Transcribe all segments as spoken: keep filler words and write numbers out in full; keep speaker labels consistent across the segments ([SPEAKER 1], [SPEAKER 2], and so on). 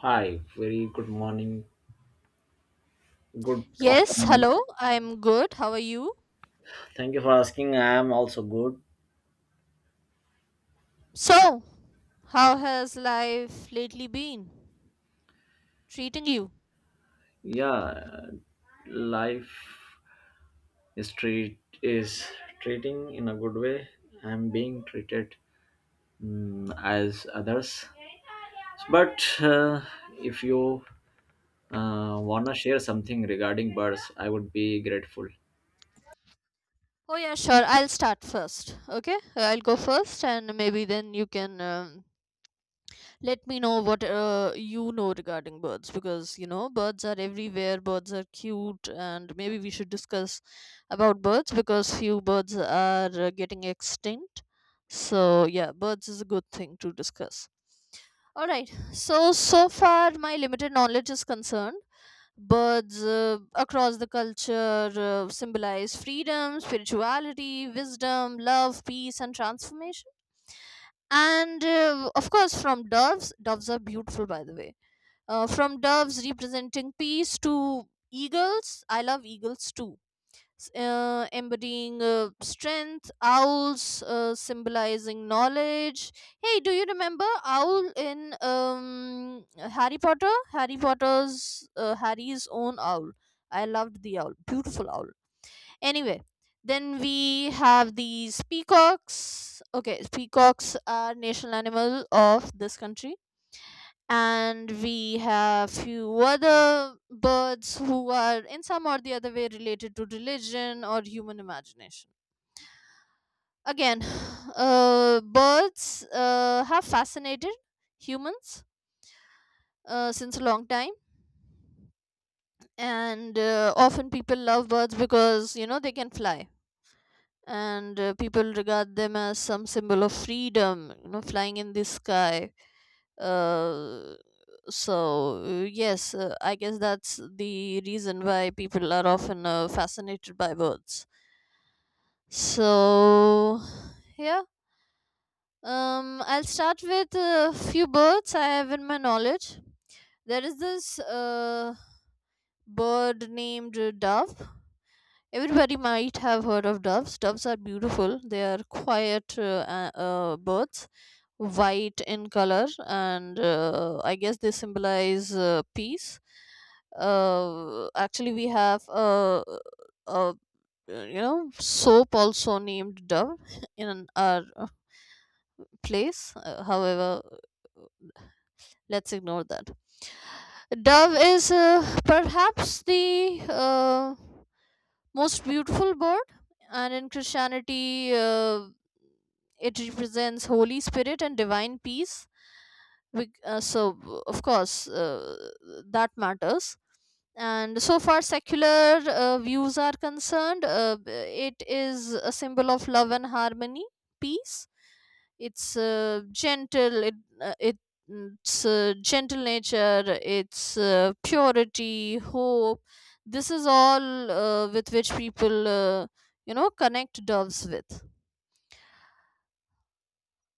[SPEAKER 1] Hi, very good morning, good
[SPEAKER 2] Yes,
[SPEAKER 1] afternoon.
[SPEAKER 2] hello. I'm good. How are you?
[SPEAKER 1] Thank you for asking. I am also good.
[SPEAKER 2] So, how has life lately been treating you?
[SPEAKER 1] Yeah, life is treat is treating in a good way. I'm being treated mm, as others. But uh, if you uh, wanna share something regarding birds, I would be grateful.
[SPEAKER 2] Oh, yeah, sure. I'll start first. Okay? I'll go first, and maybe then you can um, let me know what uh, you know regarding birds because, you know, birds are everywhere, birds are cute, and maybe we should discuss about birds because few birds are uh, getting extinct. So, yeah, birds is a good thing to discuss. All right. So so far, my limited knowledge is concerned. Birds uh, across the culture uh, symbolize freedom, spirituality, wisdom, love, peace, and transformation. And uh, of course, from doves, doves are beautiful, by the way. Uh, from doves representing peace to eagles, I love eagles too, s- uh, embodying uh, strength, owls uh, symbolizing knowledge. Hey, do you remember owl in um, Harry Potter? Harry Potter's uh, Harry's own owl. I loved the owl, beautiful owl. Anyway, then we have these peacocks. Okay, peacocks are national animal of this country, and we have few other birds who are in some or the other way related to religion or human imagination again. Uh, birds uh, have fascinated humans uh, since a long time, and uh, often people love birds because you know they can fly, and uh, people regard them as some symbol of freedom, you know flying in the sky. Uh, so uh, yes, uh, I guess that's the reason why people are often uh, fascinated by birds. So, yeah. um I'll start with a few birds I have in my knowledge. There is this uh, bird named uh, dove. Everybody might have heard of doves doves are beautiful. They are quiet, uh, uh, uh, birds, white in color, and uh, I guess they symbolize uh, peace. Uh, actually, we have a, a you know soap also named Dove in our uh, place. Uh, however, let's ignore that. Dove is uh, perhaps the uh, most beautiful bird, and in Christianity, uh, it represents Holy Spirit and divine peace. We, uh, so of course, uh, that matters. And so far secular uh, views are concerned, uh, b- it is a symbol of love and harmony, peace. It's uh, gentle. It, uh, it it's uh, gentle nature, it's uh, purity, hope. This is all uh, with which people, uh, you know connect doves with.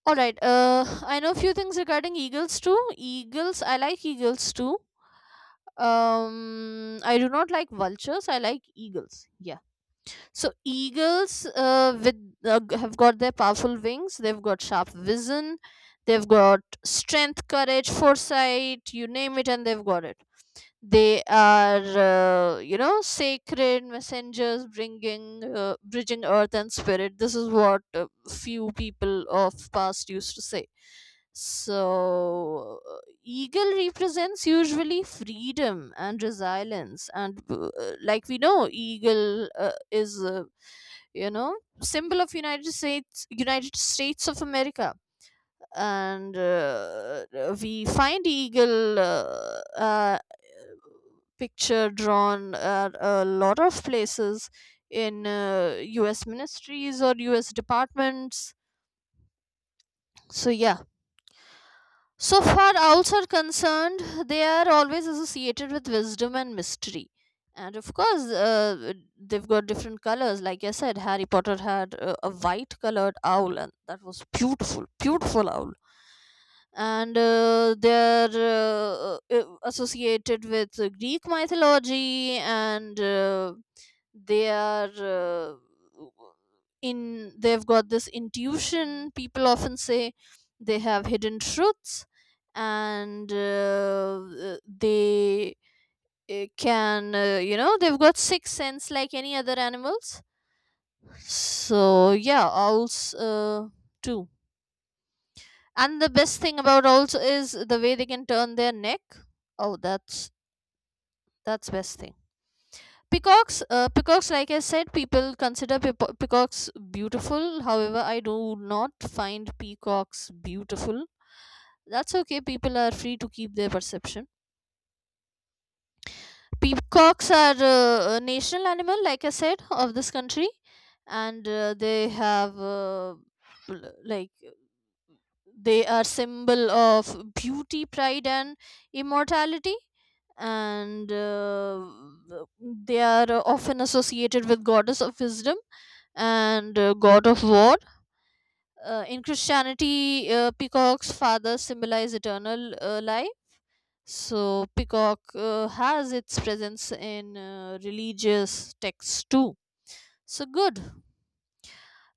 [SPEAKER 2] All right. Uh, I know a few things regarding eagles too. Eagles, I like eagles too. Um, I do not like vultures. I like eagles. Yeah. So eagles, uh, with uh, g- have got their powerful wings. They've got sharp vision. They've got strength, courage, foresight. You name it, and they've got it. They are, uh, you know sacred messengers, bringing uh, bridging earth and spirit. This is what uh, few people of past used to say. So uh, eagle represents usually freedom and resilience, and uh, like we know, eagle uh, is, uh, you know symbol of united states united states of America. And uh, we find eagle uh, picture drawn at a lot of places in uh, U S ministries or U S departments. So, yeah. So far, owls are concerned, they are always associated with wisdom and mystery. And of course, uh, they've got different colors. Like I said, Harry Potter had a, a white colored owl, and that was beautiful, beautiful owl. And uh, they're uh, uh, associated with uh, Greek mythology, and uh, they are uh, in. They've got this intuition. People often say they have hidden truths, and uh, uh, they uh, can, uh, you know they've got sixth sense like any other animals. So, yeah, owls uh, too. And the best thing about also is the way they can turn their neck. Oh, that's, that's best thing. Peacocks, uh, peacocks, like I said, people consider peapo- peacocks beautiful. However, I do not find peacocks beautiful. That's okay. People are free to keep their perception. Peacocks are uh, a national animal, like I said, of this country, and uh, they have, uh, l- like, they are symbol of beauty, pride, and immortality. And uh, they are often associated with goddess of wisdom and uh, god of war uh, in Christianity. Uh, peacock's father symbolize eternal uh, life. So peacock uh, has its presence in uh, religious texts too. So good.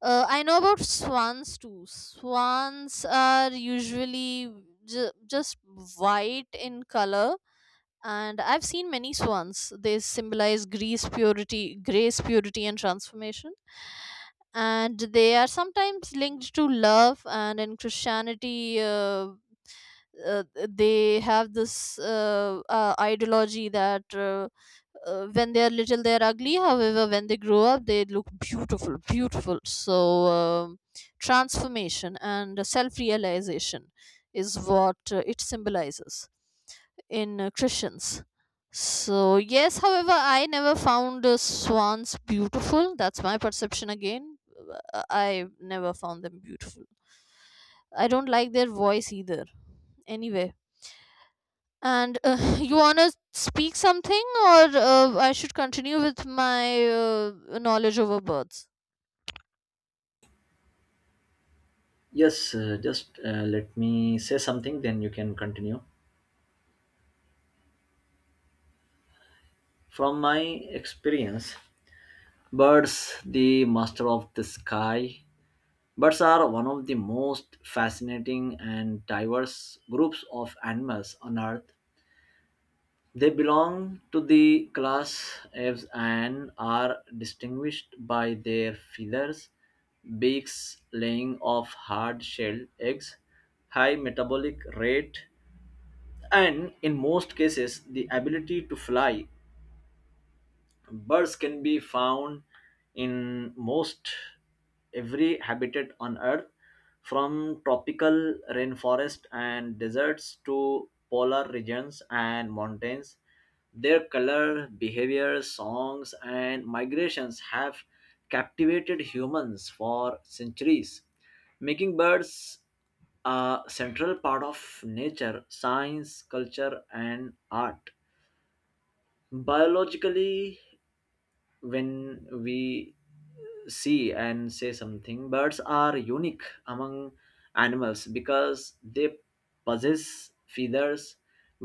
[SPEAKER 2] uh, I know about swans too. Swans are usually ju- just white in color, and I've seen many swans. They symbolize grace, purity, grace, purity, and transformation. And they are sometimes linked to love. And in Christianity, uh, uh, they have this uh, uh, ideology that uh, uh, when they are little they are ugly, however when they grow up they look beautiful, beautiful. So, um, transformation and self realization is what uh, it symbolizes in uh, Christians. So yes, however I never found uh, swans beautiful. That's my perception again. Uh, I never found them beautiful. I don't like their voice either. Anyway, and uh, you wanna speak something, or uh, I should continue with my uh, knowledge over birds?
[SPEAKER 1] Yes, uh, just uh, let me say something, then you can continue. From my experience, birds, the master of the sky, birds are one of the most fascinating and diverse groups of animals on Earth. They belong to the class apes and are distinguished by their feathers, beaks, laying of hard shelled eggs, high metabolic rate, and in most cases, the ability to fly. Birds can be found in most every habitat on Earth, from tropical rainforest and deserts to polar regions and mountains. Their color, behavior, songs, and migrations have captivated humans for centuries, making birds a central part of nature, science, culture, and art. Biologically, when we see and say something, birds are unique among animals because they possess feathers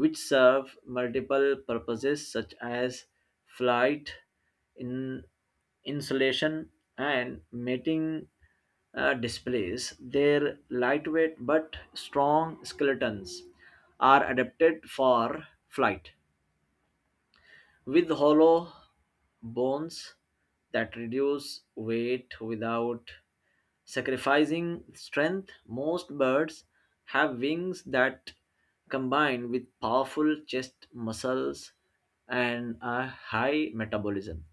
[SPEAKER 1] which serve multiple purposes such as flight, in insulation, and mating uh, displays. Their lightweight but strong skeletons are adapted for flight with hollow bones that reduce weight without sacrificing strength. Most birds have wings that combine with powerful chest muscles and a high metabolism,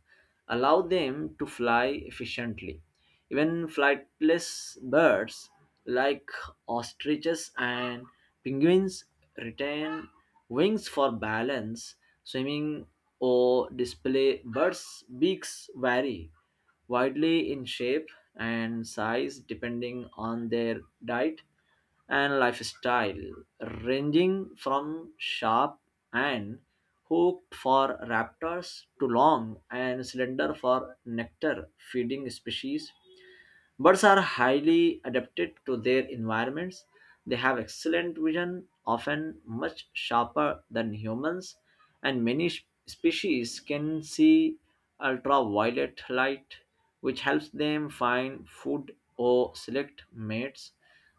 [SPEAKER 1] allow them to fly efficiently. Even flightless birds like ostriches and penguins retain wings for balance, swimming, or display. Birds' beaks vary widely in shape and size depending on their diet and lifestyle, ranging from sharp and hooked for raptors to long and slender for nectar feeding species. Birds are highly adapted to their environments. They have excellent vision, often much sharper than humans, and many sh- species can see ultraviolet light, which helps them find food or select mates.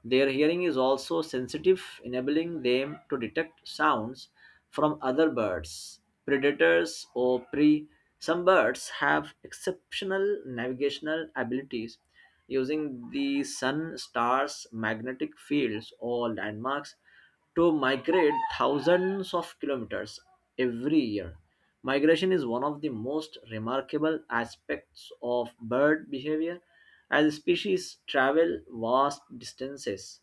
[SPEAKER 1] Their hearing is also sensitive, enabling them to detect sounds from other birds, predators, or prey. Some birds have exceptional navigational abilities using the sun, stars, magnetic fields, or landmarks to migrate thousands of kilometers every year. Migration is one of the most remarkable aspects of bird behavior, as species travel vast distances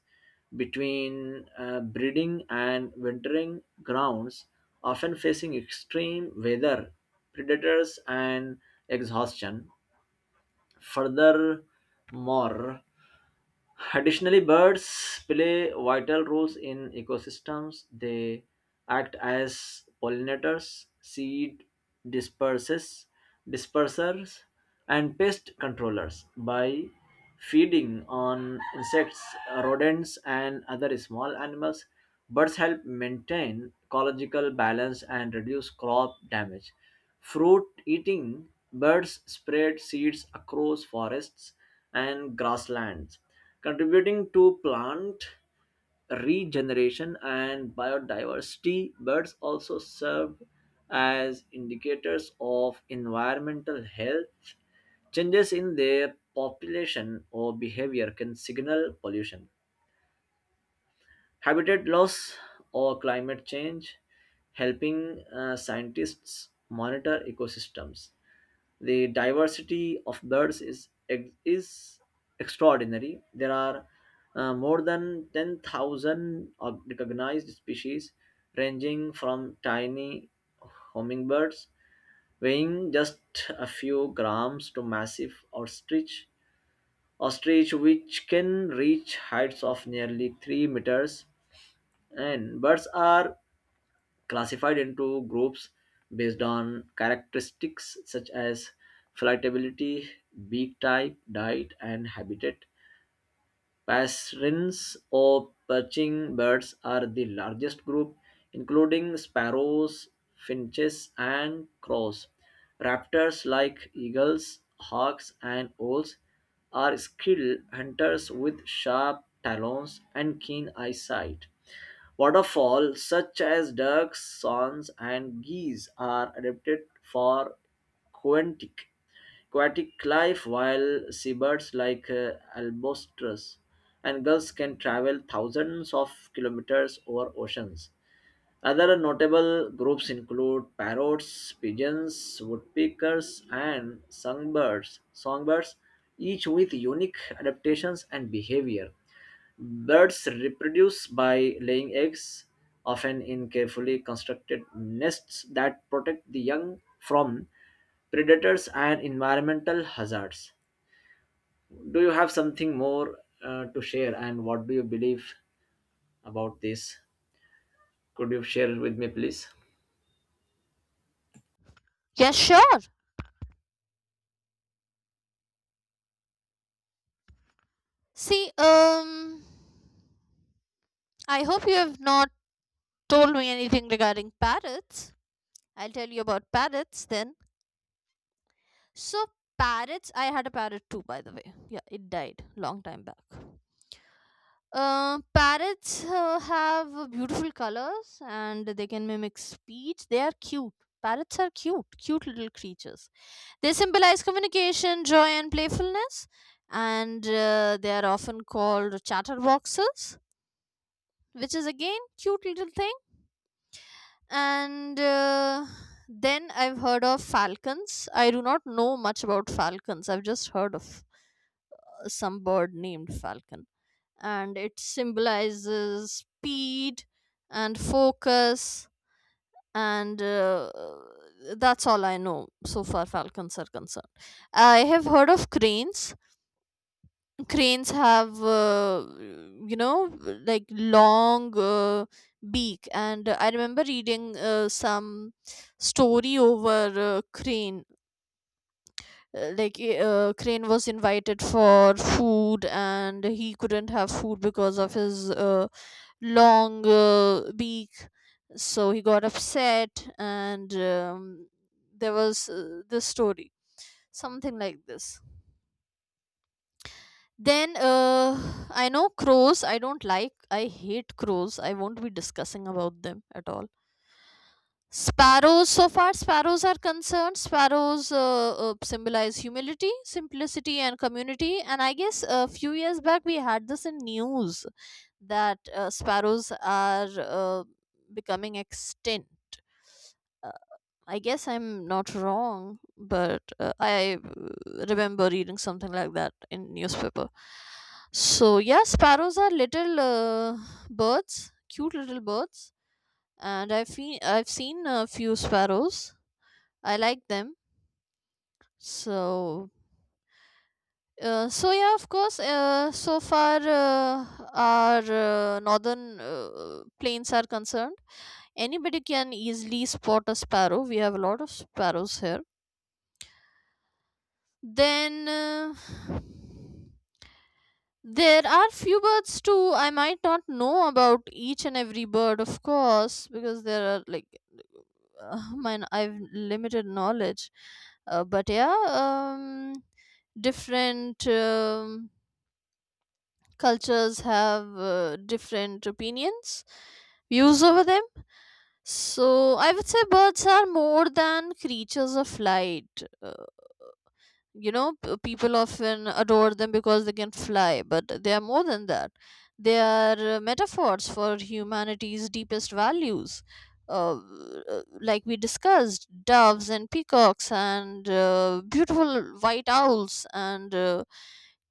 [SPEAKER 1] between uh, breeding and wintering grounds, often facing extreme weather, predators, and exhaustion. Furthermore Additionally, birds play vital roles in ecosystems. They act as pollinators, seed disperses, dispersers, and pest controllers by feeding on insects, rodents, and other small animals. Birds help maintain ecological balance and reduce crop damage. Fruit eating birds spread seeds across forests and grasslands, contributing to plant regeneration and biodiversity. Birds also serve as indicators of environmental health. Changes in their population or behavior can signal pollution, habitat loss, or climate change, helping uh, scientists monitor ecosystems. The diversity of birds is ex- is extraordinary. There are uh, more than ten thousand of recognized species, ranging from tiny hummingbirds weighing just a few grams to massive ostrich, ostrich which can reach heights of nearly three meters. And birds are classified into groups based on characteristics such as flightibility, beak type, diet, and habitat. Passerines or perching birds are the largest group, including sparrows, finches, and crows. Raptors like eagles, hawks, and owls are skilled hunters with sharp talons and keen eyesight. Waterfowl such as ducks, swans, and geese are adapted for aquatic, aquatic life, while seabirds like uh, albatross and gulls can travel thousands of kilometers over oceans. Other notable groups include parrots, pigeons, woodpeckers, and songbirds. Songbirds, each with unique adaptations and behavior. Birds reproduce by laying eggs, often in carefully constructed nests that protect the young from predators and environmental hazards. Do you have something more uh, to share, and what do you believe about this? Could you share with me, please?
[SPEAKER 2] Yes, sure. See, um, I hope you have not told me anything regarding parrots. I'll tell you about parrots then. So, parrots, I had a parrot too, by the way. Yeah, it died long time back. Uh, parrots uh, have beautiful colors and they can mimic speech. They are cute. Parrots are cute, cute little creatures. They symbolize communication, joy, and playfulness. And uh, they are often called chatterboxes, which is again cute little thing. And uh, then I've heard of falcons. I do not know much about falcons. I've just heard of uh, some bird named falcon, and it symbolizes speed and focus, and uh, that's all I know so far falcons are concerned. I have heard of cranes. Cranes have, uh, you know like, long uh, beak, and I remember reading uh, some story over uh, crane. Uh, like i- uh, crane was invited for food and he couldn't have food because of his uh, long uh, beak. So he got upset, and um, there was uh, this story, something like this. Then uh, I know crows. I don't like. I hate crows. I won't be discussing about them at all. Sparrows. So far, sparrows are concerned. Sparrows uh, uh, symbolize humility, simplicity, and community. And I guess a few years back we had this in news that uh, sparrows are uh, becoming extinct. Uh, I guess I'm not wrong, but uh, I uh, remember reading something like that in newspaper. So yeah, sparrows are little uh, birds, cute little birds, and I've fe- I've seen a few sparrows. I like them. So uh, so yeah, of course. Uh, so far, uh, our uh, northern uh, plains are concerned, anybody can easily spot a sparrow. We have a lot of sparrows here. Then uh, there are few birds too. I might not know about each and every bird, of course, because there are like, uh, mine. I've limited knowledge, uh, but yeah. Um, different. Um, cultures have uh, different opinions, views over them. So I would say birds are more than creatures of light. Uh, you know p- people often adore them because they can fly, but they are more than that. They are uh, metaphors for humanity's deepest values. Uh, uh, like we discussed, doves and peacocks and uh, beautiful white owls and uh,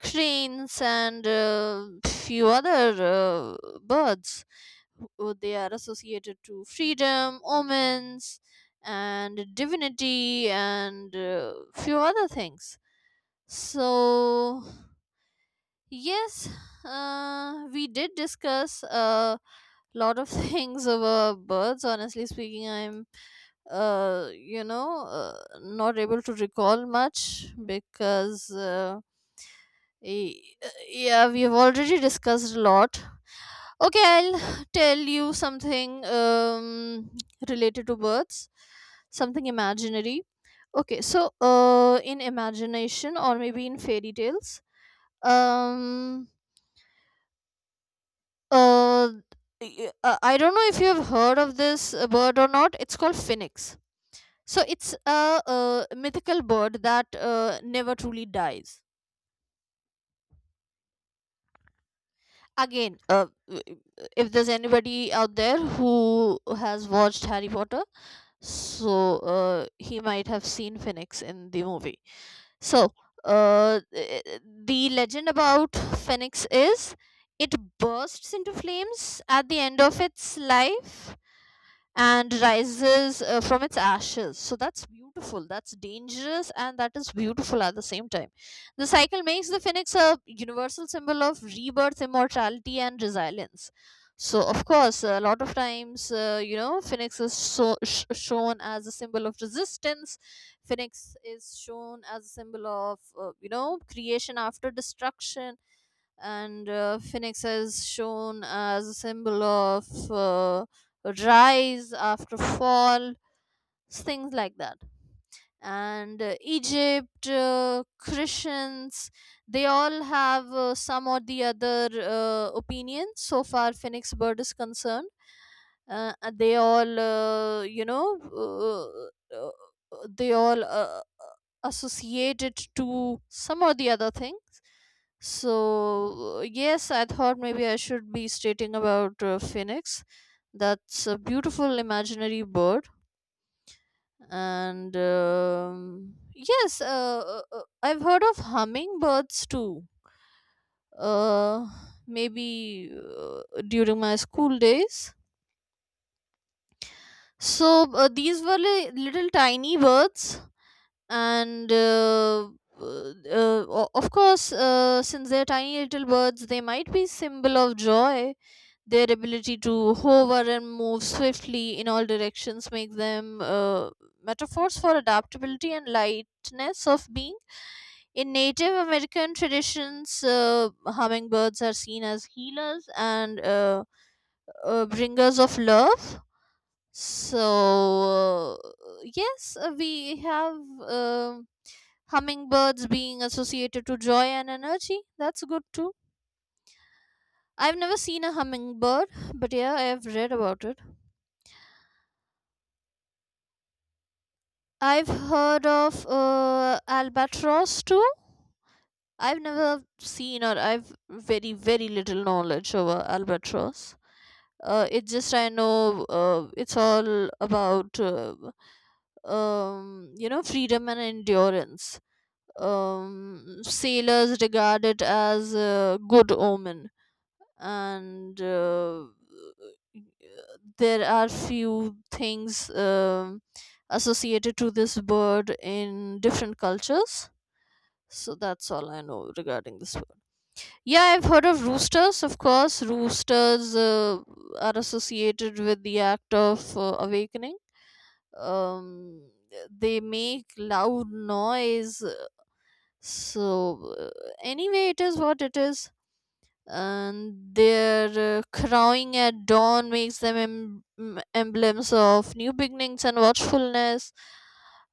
[SPEAKER 2] cranes and uh, few other uh, birds. Uh, they are associated to freedom, omens and divinity and uh, few other things. So yes, uh, we did discuss a lot of things over birds. Honestly speaking, I'm, uh, you know, uh, not able to recall much because, uh, y- uh, yeah, we have already discussed a lot. Okay, I'll tell you something um, related to birds, something imaginary. Okay, so uh, in imagination or maybe in fairy tales, um uh, y- uh, I don't know if you've heard of this uh, bird or not. It's called Phoenix. So it's a uh mythical bird that uh, never truly dies again. Uh, w- if there's anybody out there who has watched Harry Potter, so uh, he might have seen Phoenix in the movie. So uh, th- the legend about Phoenix is it bursts into flames at the end of its life and rises uh, from its ashes. So that's beautiful, that's dangerous, and that is beautiful at the same time. The cycle makes the Phoenix a universal symbol of rebirth, immortality, and resilience. So, of course, a lot of times, uh, you know, Phoenix is, so, sh- shown as a symbol of resistance. Phoenix is shown as a symbol of, uh, you know, creation after destruction, and uh, Phoenix is shown as a symbol of uh, rise after fall, things like that. And uh, Egypt, uh, Christians, they all have uh, some or the other uh, opinion so far Phoenix Bird is concerned. Uh, and they all, uh, you know, uh, uh, uh, they all uh, uh, associate it to some or the other things. So, uh, yes, I thought maybe I should be stating about uh, Phoenix. That's a beautiful imaginary bird, and um, yes, uh, uh, uh, I've heard of hummingbirds too, uh, maybe uh, during my school days. So uh, these were li- little tiny birds. And uh, uh, uh, o- of course, uh, since they're tiny little birds, they might be symbol of joy. Their ability to hover and move swiftly in all directions make them uh, metaphors for adaptability and lightness of being. In Native American traditions, uh, hummingbirds are seen as healers and uh, uh, bringers of love. So, uh, yes, uh, we have um hummingbirds being associated to joy and energy. That's good too. I've never seen a hummingbird, but yeah, I've read about it. I've heard of uh, albatross too. I've never seen, or I've very very little knowledge over albatross. Uh, it's just I know, uh, it's all about uh, um, you know freedom and endurance. Um, sailors regard it as a good omen, and uh, there are few things um associated to this bird in different cultures. So that's all I know regarding this bird. Yeah, I've heard of roosters, of course. Roosters uh, are associated with the act of uh, awakening. Um, they make loud noise. So, uh, anyway, it is what it is. And their uh, crowing at dawn makes them em- em- emblems of new beginnings and watchfulness.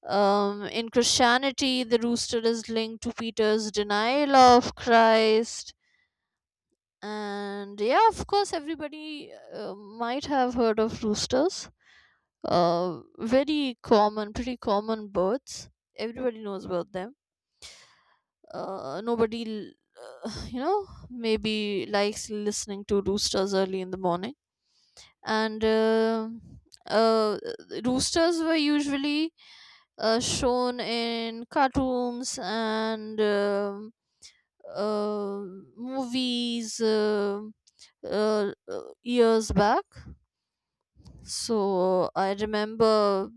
[SPEAKER 2] Um, in Christianity, the rooster is linked to Peter's denial of Christ. And yeah, of course, everybody uh, might have heard of roosters. Uh, very common, pretty common birds, everybody knows about them. Uh, nobody l- you know maybe likes listening to roosters early in the morning. And uh, uh, roosters were usually uh, shown in cartoons and um uh, movies uh, uh, uh, years back. So I remember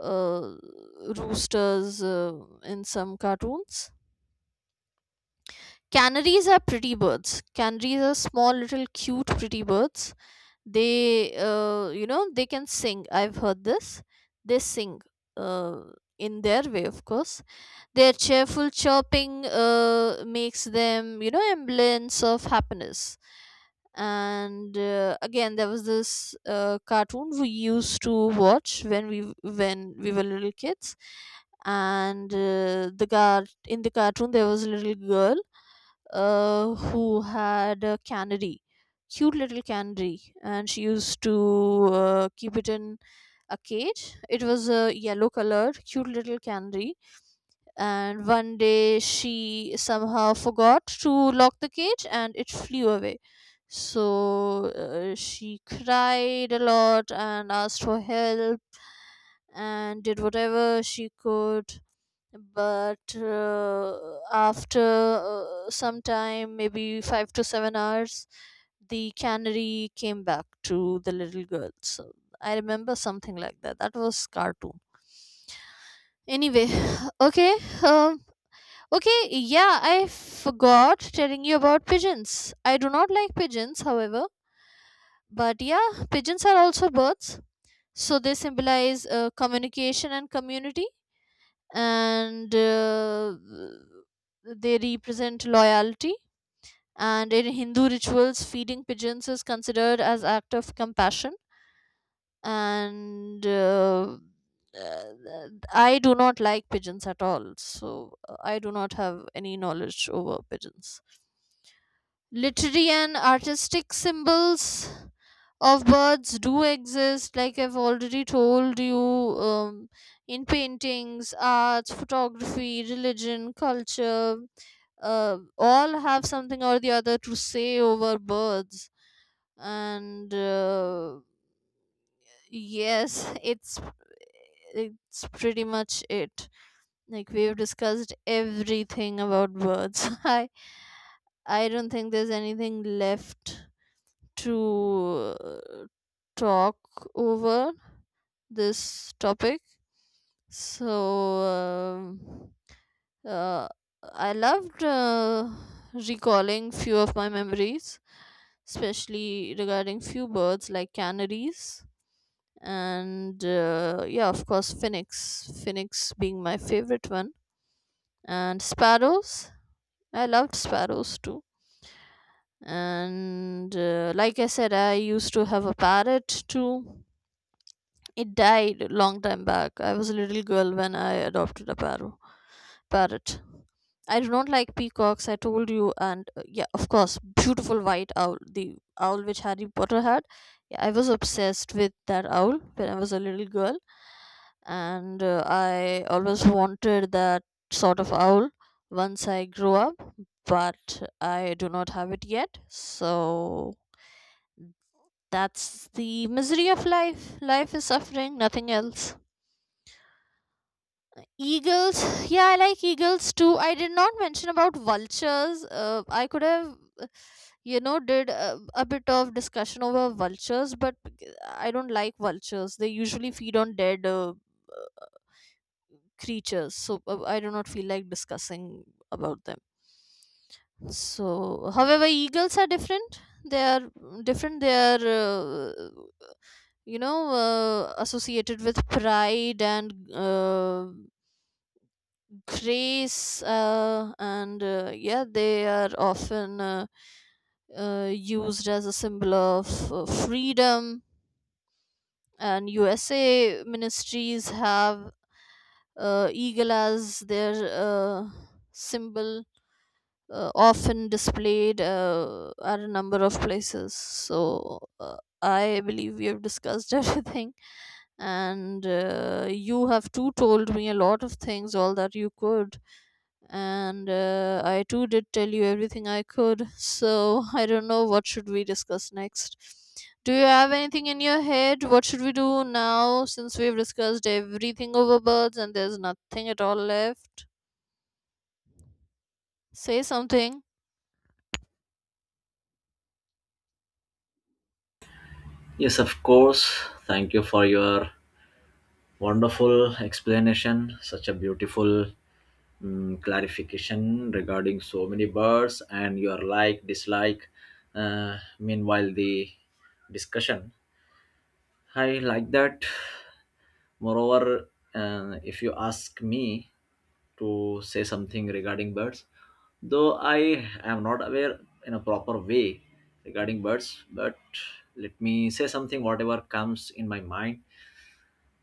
[SPEAKER 2] uh, roosters uh, in some cartoons. Canaries are pretty birds. Canaries are small, little, cute, pretty birds. They, uh, you know they can sing. I've heard this. They sing uh, in their way, of course. Their cheerful chirping uh, makes them, you know semblance of happiness. And uh, again, there was this uh, cartoon we used to watch when we when we were little kids. And uh, the guard in the cartoon, there was a little girl uh, who had a canary, cute little canary, and she used to uh, keep it in a cage. It was a yellow colored, cute little canary, and one day she somehow forgot to lock the cage and it flew away. So uh, she cried a lot and asked for help and did whatever she could, but uh, after uh, some time, maybe five to seven hours, the canary came back to the little girl. So I remember something like that, that was cartoon. Anyway. Okay. um, okay, yeah, I forgot telling you about pigeons. I do not like pigeons, however, but yeah, pigeons are also birds. So they symbolize uh, communication and community, and uh, they represent loyalty. And in Hindu rituals, feeding pigeons is considered as act of compassion. And uh, uh, I do not like pigeons at all, so uh, I do not have any knowledge over pigeons. Literary and artistic symbols of birds do exist, like I've already told you. Um, in paintings, arts, photography, religion, culture, uh, all have something or the other to say over birds. And uh, yes, it's it's pretty much it, like we've discussed everything about birds. i i don't think there's anything left to uh, talk over this topic. So um uh, I loved uh, recalling few of my memories, especially regarding few birds like canaries, and uh, yeah, of course, Phoenix. Phoenix being my favorite one, and sparrows. I loved sparrows too. And uh, like I said, I used to have a parrot too. It died long time back. I was a little girl when I adopted a paro- parrot. I do not like peacocks, I told you, and uh, yeah, of course, beautiful white owl, the owl which Harry Potter had. Yeah, I was obsessed with that owl when I was a little girl, and uh, I always wanted that sort of owl once I grow up, but I do not have it yet. So that's the misery of life. Life is suffering, nothing else. Eagles, yeah, I like eagles too. I did not mention about vultures. Uh, I could have, uh, you know, did a, a bit of discussion over vultures, but I don't like vultures. They usually feed on dead uh, creatures, so uh, I do not feel like discussing about them. So, however, eagles are different. They are different. They are, uh, you know, uh, associated with pride and uh, craze, uh, and uh, yeah, they are often uh, uh, used as a symbol of uh, freedom. And U S A ministries have uh, eagle as their uh, symbol, uh, often displayed uh, at a number of places. So uh, I believe we have discussed everything. And uh, you have too told me a lot of things, all that you could. And uh, I too did tell you everything I could. So I don't know what should we discuss next. Do you have anything in your head? What should we do now since we've discussed everything over birds and there's nothing at all left? Say something.
[SPEAKER 1] Yes, of course. Thank you for your wonderful explanation. Such a beautiful mm, clarification regarding so many birds and your like dislike uh, meanwhile the discussion. I like that. Moreover, uh, if you ask me to say something regarding birds, though I am not aware in a proper way regarding birds, but let me say something whatever comes in my mind.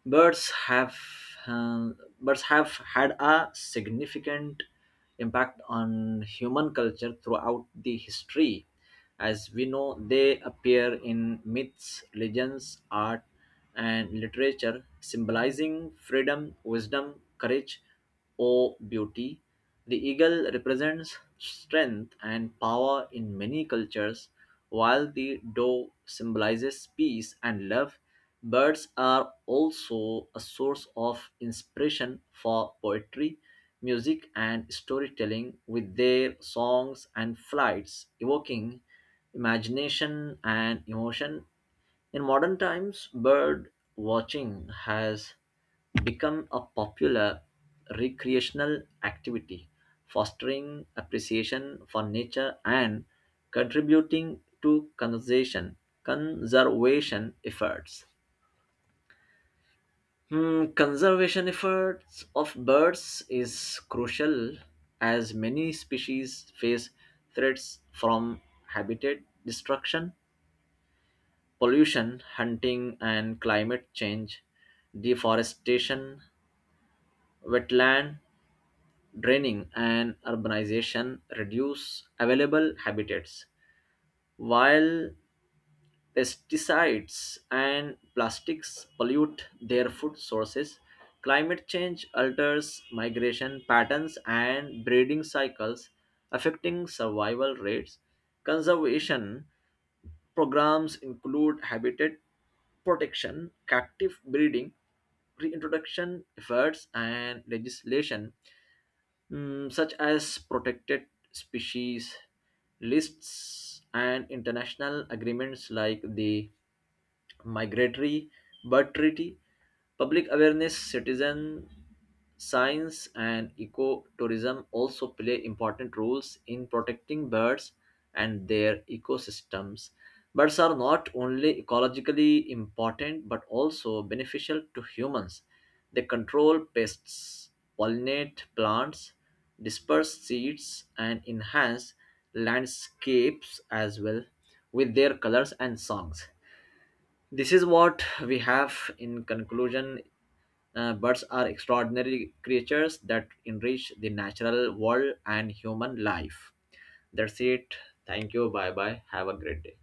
[SPEAKER 1] birds have um, Birds have had a significant impact on human culture throughout the history. As we know, they appear in myths, legends, art, and literature, symbolizing freedom, wisdom, courage, or beauty. The eagle represents strength and power in many cultures, while the dove symbolizes peace and love. Birds are also a source of inspiration for poetry, music, and storytelling, with their songs and flights evoking imagination and emotion. In modern times, bird watching has become a popular recreational activity, fostering appreciation for nature and contributing to conservation, conservation efforts. Hmm, conservation efforts of birds is crucial as many species face threats from habitat destruction, pollution, hunting, and climate change. Deforestation, wetland draining, and urbanization reduce available habitats, while pesticides and plastics pollute their food sources. Climate change alters migration patterns and breeding cycles, affecting survival rates. Conservation programs include habitat protection, captive breeding, reintroduction efforts, and legislation mm, such as protected species lists and international agreements like the migratory bird treaty. Public awareness, citizen science, and ecotourism also play important roles in protecting birds and their ecosystems. Birds are not only ecologically important but also beneficial to humans. They control pests, pollinate plants, disperse seeds, and enhance landscapes as well with their colors and songs. This is what we have in conclusion. Uh, birds are extraordinary creatures that enrich the natural world and human life. That's it. Thank you. Bye bye. Have a great day.